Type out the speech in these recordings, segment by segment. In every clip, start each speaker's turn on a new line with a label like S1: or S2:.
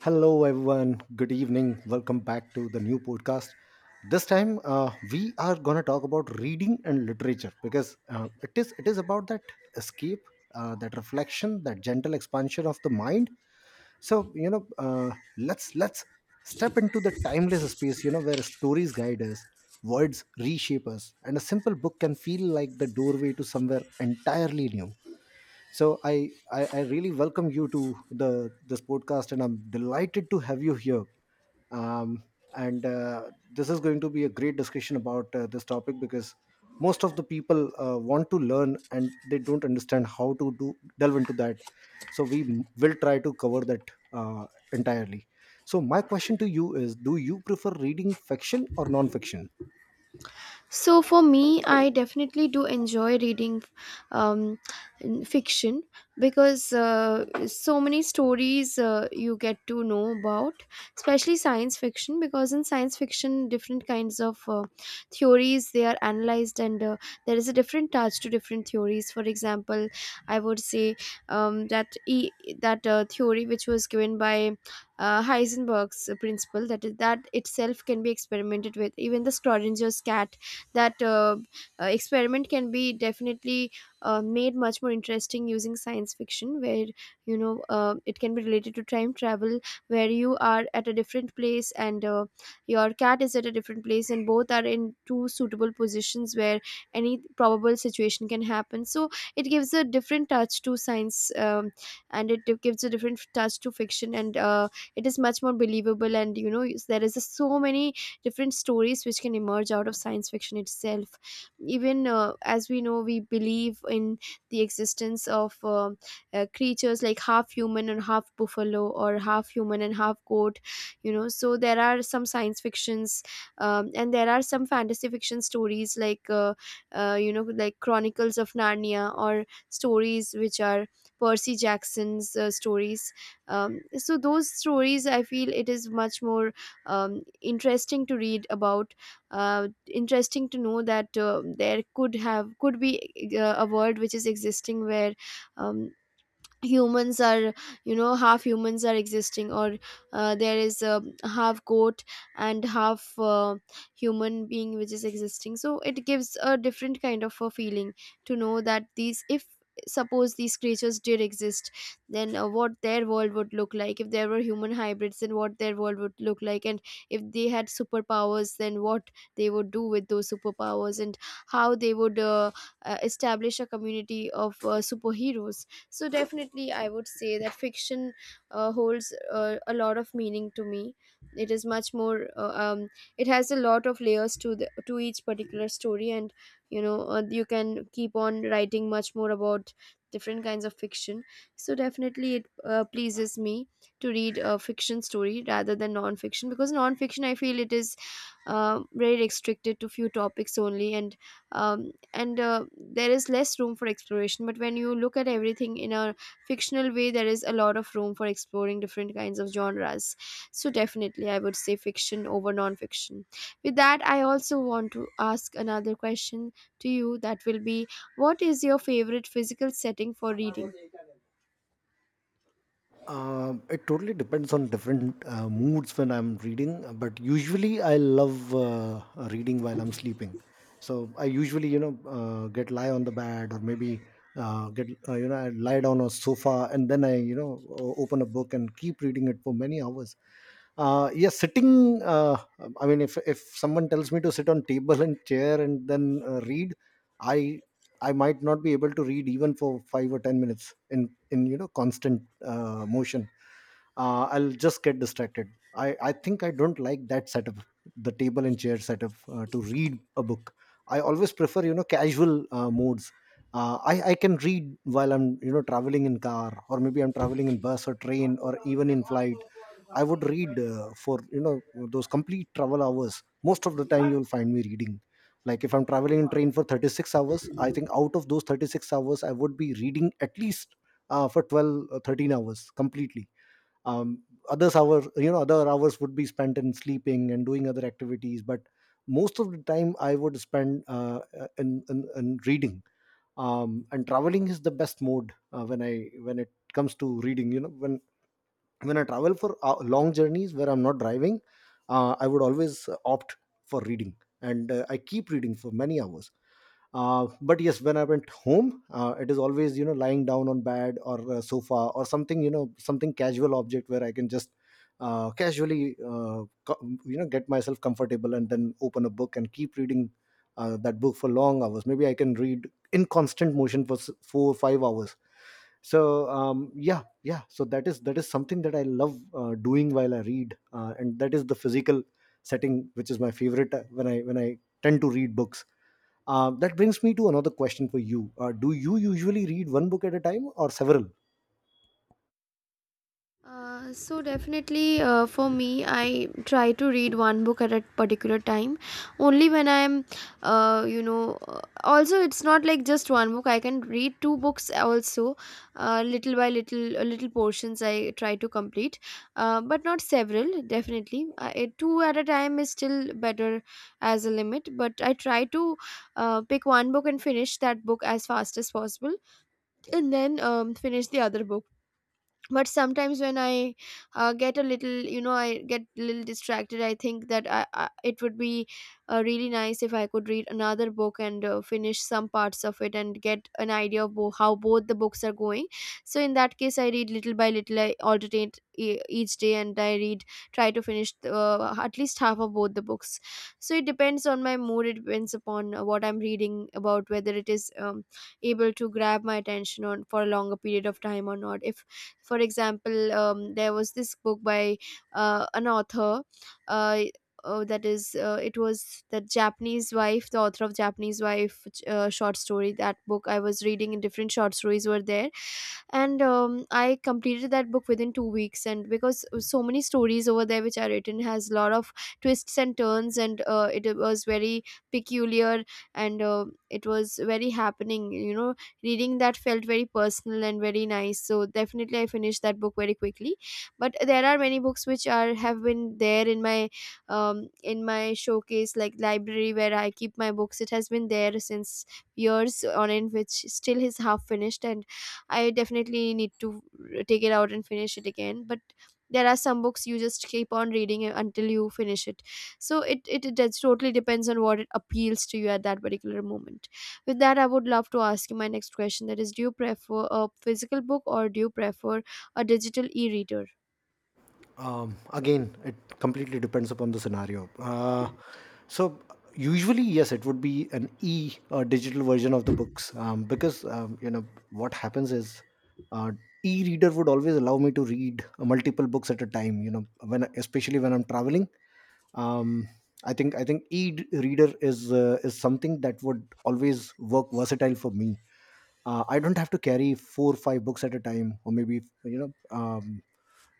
S1: Hello, everyone. Good evening. Welcome back to the new podcast. This time, we are gonna talk about reading and literature because it is about that escape, that reflection, that gentle expansion of the mind. So you know, let's step into the timeless space, You know, where stories guide us, words reshape us, and a simple book can feel like the doorway to somewhere entirely new. So I really welcome you to the this podcast, and I'm delighted to have you here. Um, and This is going to be a great discussion about this topic because most of the people want to learn and they don't understand how to do delve into that. So will try to cover that entirely. So my question to you is: do you prefer reading fiction or non-fiction?
S2: So for me, I definitely do enjoy reading um, fiction because so many stories you get to know about, especially science fiction. Because in science fiction, different kinds of theories they are analyzed, and there is a different touch to different theories. For example, I would say um, that e- that theory which was given by Heisenberg's principle, that is that itself can be experimented with. Even the Schrodinger's cat, that experiment can be definitely made much more interesting using science fiction where, it can be related to time travel, where you are at a different place and your cat is at a different place, and both are in two suitable positions where any probable situation can happen. So it gives a different touch to science, and it gives a different touch to fiction. And it is much more believable, and you know there is so many different stories which can emerge out of science fiction itself. Even as we know, we believe in the existence of creatures like half human and half buffalo, or half human and half goat, you know. So there are some science fictions, and there are some fantasy fiction stories like, you know, like Chronicles of Narnia, or stories which are Percy Jackson's stories. So those stories, I feel it is much more interesting to read about, interesting to know that there could be a world which is existing, where um, humans are, you know, half humans are existing, or there is a half goat and half human being which is existing. So it gives a different kind of a feeling to know that these, if suppose these creatures did exist, then what their world would look like, if there were human hybrids then what their world would look like, and if they had superpowers then what they would do with those superpowers, and how they would establish a community of superheroes. So definitely I would say that fiction holds a lot of meaning to me. It is much more it has a lot of layers to the to each particular story, and you can keep on writing much more about different kinds of fiction. So definitely it pleases me to read a fiction story rather than non-fiction, because non-fiction, I feel it is very restricted to few topics only, and and there is less room for exploration. But when you look at everything in a fictional way, there is a lot of room for exploring different kinds of genres. So definitely I would say fiction over non-fiction. With that, I also want to ask another question to you. That will be, what is your favorite physical setting for reading?
S1: It totally depends on different moods when I'm reading, but usually I love reading while I'm sleeping. So I usually, you know, get lie on the bed, or maybe you know, I lie down on a sofa and then I, you know, open a book and keep reading it for many hours. Yeah, sitting. I mean, if someone tells me to sit on table and chair and then read, I I might not be able to read even for 5 or 10 minutes in you know constant motion. I'll just get distracted. I think I don't like that setup, the table and chair setup to read a book. I always prefer, you know, casual modes. I can read while I'm, you know, traveling in car, or maybe I'm traveling in bus or train or even in flight. I would read for, you know, those complete travel hours. Most of the time, you will find me reading like if I'm traveling in train for 36 hours. I think out of those 36 hours, I would be reading at least for 12 13 hours completely. Um, others hours you know, other hours would be spent in sleeping and doing other activities, but most of the time I would spend in reading. And traveling is the best mode when I when it comes to reading. You know, when I travel for long journeys where I'm not driving, I would always opt for reading, and I keep reading for many hours. But yes, when I went home, it is always, you know, lying down on bed or sofa, or something, you know, something casual object where I can just casually you know get myself comfortable and then open a book and keep reading that book for long hours. Maybe I can read in constant motion for 4 or 5 hours. So yeah, yeah, so that is something that I love doing while I read, and that is the physical setting which is my favorite when I tend to read books. Uh, that brings me to another question for you. Do you usually read one book at a time or several?
S2: So definitely, for me, I try to read one book at a particular time only. When I'm also, it's not like just one book, I can read two books also, little by little, little portions I try to complete, but not several. Definitely two at a time is still better as a limit. But I try to pick one book and finish that book as fast as possible, and then finish the other book. But sometimes when I get a little, you know, I get a little distracted, I think that I, it would be really nice if I could read another book and finish some parts of it and get an idea of how both the books are going. So in that case, I read little by little, I alternate each day, and I read, try to finish at least half of both the books. So it depends on my mood, it depends upon what I'm reading about, whether it is able to grab my attention on for a longer period of time or not. If for example, there was this book by an author, uh, that is it was The Japanese Wife, the author of Japanese Wife, which, short story, that book I was reading, and different short stories were there. And I completed that book within 2 weeks, and because so many stories over there which are written has a lot of twists and turns, and it was very peculiar, and it was very happening, you know, reading that felt very personal and very nice. So definitely I finished that book very quickly. But there are many books which are, have been there in my showcase, like library where I keep my books, it has been there since years on end, which still is half finished, and I definitely need to take it out and finish it again. But there are some books you just keep on reading it until you finish it. So it just totally depends on what it appeals to you at that particular moment. With that, I would love to ask you my next question. That is, do you prefer a physical book, or do you prefer a digital e-reader?
S1: Again, it completely depends upon the scenario. So, usually, yes, it would be an e digital version of the books, because you know what happens is, uh, e-reader would always allow me to read multiple books at a time. You know, when especially when I'm traveling. Um, I think e-reader is something that would always work versatile for me. Uh, I don't have to carry four or five books at a time, or maybe you know.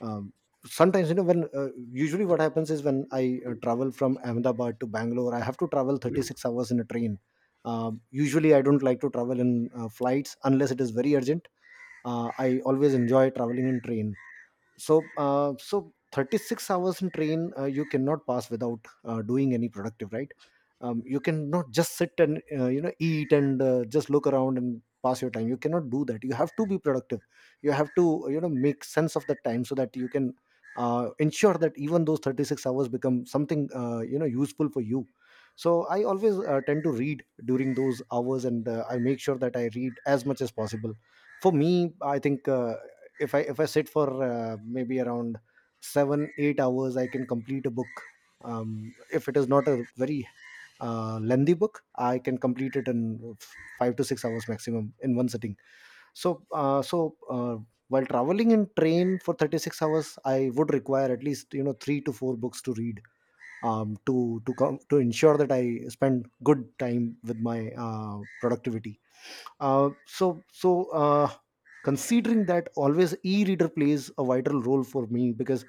S1: um, Sometimes, you know, when usually what happens is, when I travel from Ahmedabad to Bangalore, I have to travel 36 hours in a train. Um, usually, I don't like to travel in flights unless it is very urgent. I always enjoy traveling in train. So 36 hours in train, you cannot pass without doing any productive, right? You cannot just sit and you know eat and just look around and pass your time. You cannot do that. You have to be productive. You have to, you know, make sense of the time, so that you can ensure that even those 36 hours become something you know useful for you. So I always tend to read during those hours, and I make sure that I read as much as possible. For me, I think if I sit for maybe around 7 8 hours, I can complete a book. um, if it is not a very lengthy book, I can complete it in f- 5 to 6 hours maximum in one sitting. So uh, so uh, while traveling in train for 36 hours, I would require at least, you know, 3 to 4 books to read, um, to to ensure that I spend good time with my uh, productivity. uh, so so uh, considering that, always e-reader plays a vital role for me, because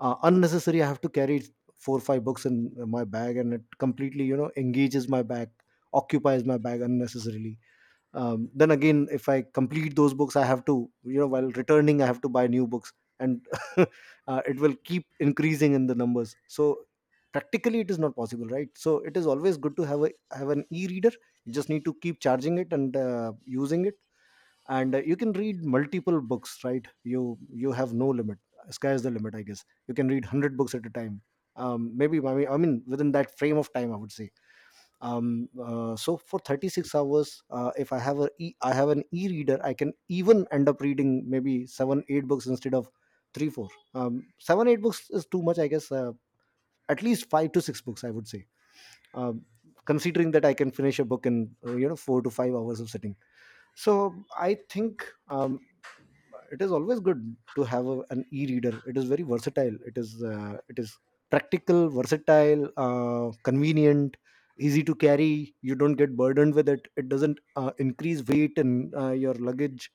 S1: unnecessary I have to carry four or five books in my bag, and it completely, you know, engages my bag, occupies my bag unnecessarily. Then again, if I complete those books, I have to, you know, while returning I have to buy new books, and uh, it will keep increasing in the numbers. So practically it is not possible, right? So it is always good to have a have an e-reader. You just need to keep charging it and using it, and you can read multiple books, right? You have no limit. Sky is the limit, I guess. You can read 100 books at a time. Maybe, I mean, within that frame of time, I would say so for 36 hours, if I have I have an e-reader, I can even end up reading maybe 7 8 books instead of 3 4. 7 8 books is too much, I guess. Uh, at least 5 to 6 books, I would say, um, considering that I can finish a book in you know, 4 to 5 hours of sitting. So I think it is always good to have an e-reader. It is very versatile. It is it is practical, versatile, convenient, easy to carry. You don't get burdened with it. It doesn't increase weight in your luggage.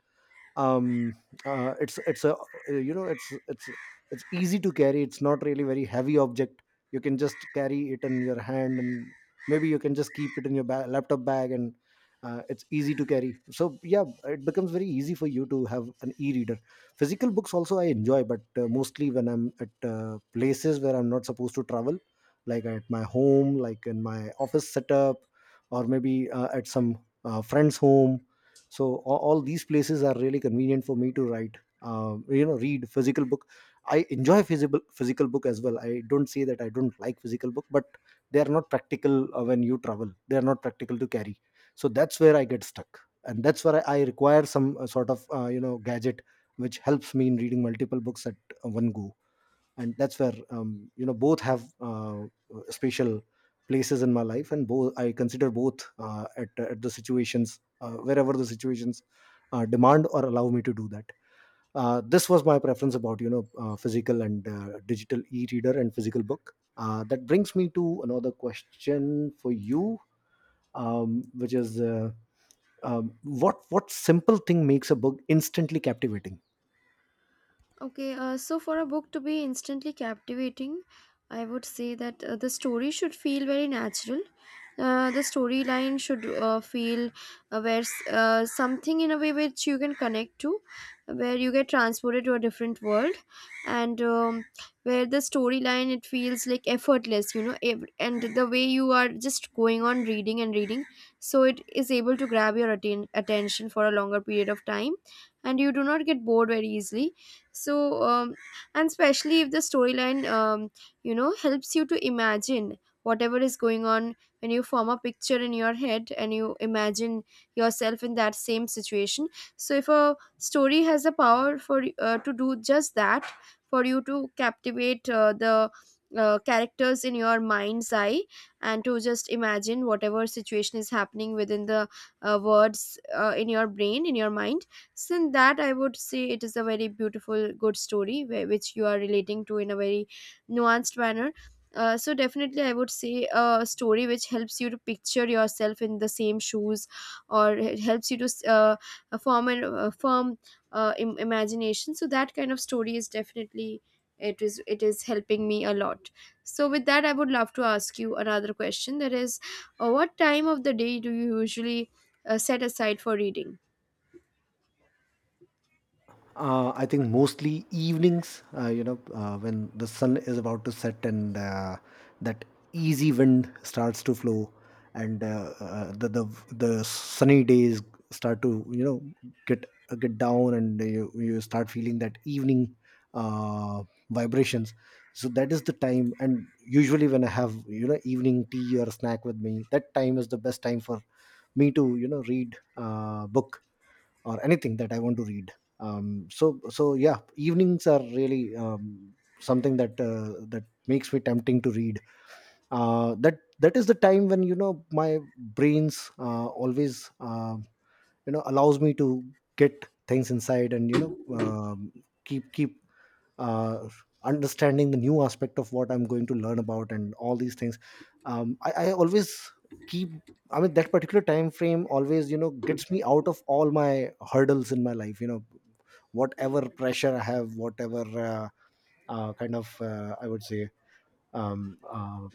S1: um it's a you know, it's it's easy to carry. It's not really very heavy object. You can just carry it in your hand, and maybe you can just keep it in your laptop bag, and it's easy to carry. So yeah, it becomes very easy for you to have an e-reader. Physical books also I enjoy, but mostly when I'm at places where I'm not supposed to travel, like at my home, like in my office setup, or maybe at some friend's home. So all these places are really convenient for me to write, you know, read physical book. I enjoy physical book as well. I don't say that I don't like physical book, but they are not practical when you travel. They are not practical to carry. So that's where I get stuck, and that's where I require some sort of you know gadget which helps me in reading multiple books at one go. And that's where you know both have special places in my life, and both I consider both at the situations, wherever the situations demand or allow me to do that. Uh, this was my preference about, you know, physical and digital e-reader and physical book. Uh, that brings me to another question for you, which is what simple thing makes a book instantly captivating.
S2: Okay, so for a book to be instantly captivating, I would say that the story should feel very natural. The storyline should feel something in a way which you can connect to, where you get transported to a different world, and where the storyline, it feels like effortless, you know, and the way you are just going on reading and reading, so it is able to grab your attention for a longer period of time, and you do not get bored very easily. So and especially if the storyline you know helps you to imagine whatever is going on, when you form a picture in your head and you imagine yourself in that same situation. So if a story has the power for to do just that, for you to captivate the characters in your mind's eye, and to just imagine whatever situation is happening within the words in your brain, in your mind, since that, I would say it is a very beautiful, good story where, which you are relating to in a very nuanced manner. So definitely, I would say a story which helps you to picture yourself in the same shoes, or it helps you to form an firm imagination. So that kind of story is definitely, it is helping me a lot. So with that, I would love to ask you another question. That is, what time of the day do you usually set aside for reading?
S1: I think mostly evenings, you know, when the sun is about to set and that easy wind starts to flow, and the sunny days start to, you know, get down, and you start feeling that evening uh, vibrations. So that is the time, and usually when I have, you know, evening tea or snack with me, that time is the best time for me to, you know, read book or anything that I want to read. So yeah, evenings are really something that that makes me tempting to read. That is the time when, you know, my brains always you know allows me to get things inside, and you know, keep uh, understanding the new aspect of what I'm going to learn about and all these things. I always keep, that particular time frame always, you know, gets me out of all my hurdles in my life. You know, whatever pressure I have, whatever kind of I would say um, uh,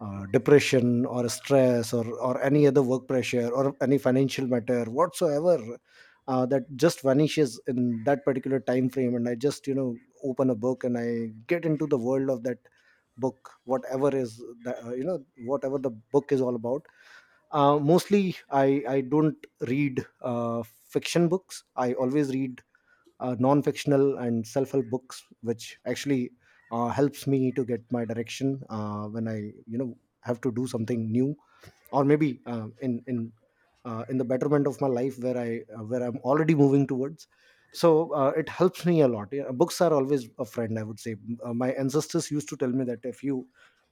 S1: depression or stress or any other work pressure or any financial matter whatsoever, that just vanishes in that particular time frame, and I just, you know, open a book and I get into the world of that book, whatever is you know, whatever the book is all about. Uh, mostly I don't read fiction books. I always read non-fictional and self-help books, which actually helps me to get my direction when I, you know, have to do something new, or maybe in the betterment of my life, where I where I'm already moving towards. So it helps me a lot. Yeah, books are always a friend, I would say. Uh, my ancestors used to tell me that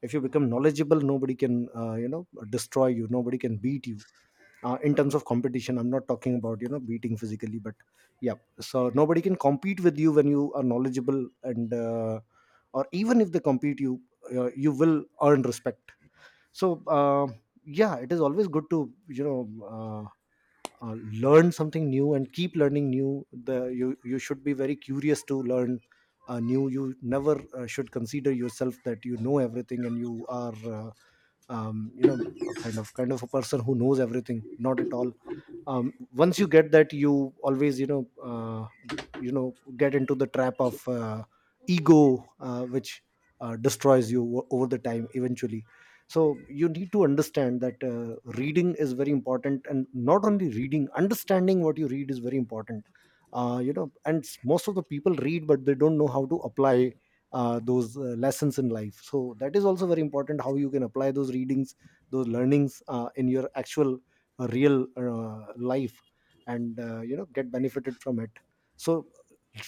S1: if you become knowledgeable, nobody can you know destroy you, nobody can beat you in terms of competition. I'm not talking about, you know, beating physically, but yeah, so nobody can compete with you when you are knowledgeable. And or even if they compete you, you will earn respect. So yeah, it is always good to, you know, uh, uh, learn something new and keep learning new. The You should be very curious to learn new. You never should consider yourself that you know everything, and you are you know, a kind of a person who knows everything. Not at all. Once you get that, you always, you know, you know get into the trap of ego, which destroys you over the time eventually. So you need to understand that reading is very important, and not only reading, understanding what you read is very important. You know, and most of the people read, but they don't know how to apply those lessons in life. So that is also very important, how you can apply those readings, those learnings in your actual a real life, and you know, get benefited from it. So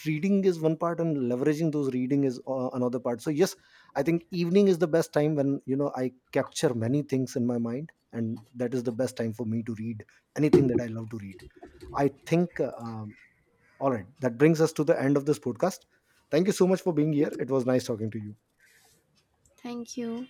S1: reading is one part, and leveraging those reading is another part. So yes, I think evening is the best time when, you know, I capture many things in my mind, and that is the best time for me to read anything that I love to read. I think all right, that brings us to the end of this podcast. Thank you so much for being here. It was nice talking to you.
S2: Thank you.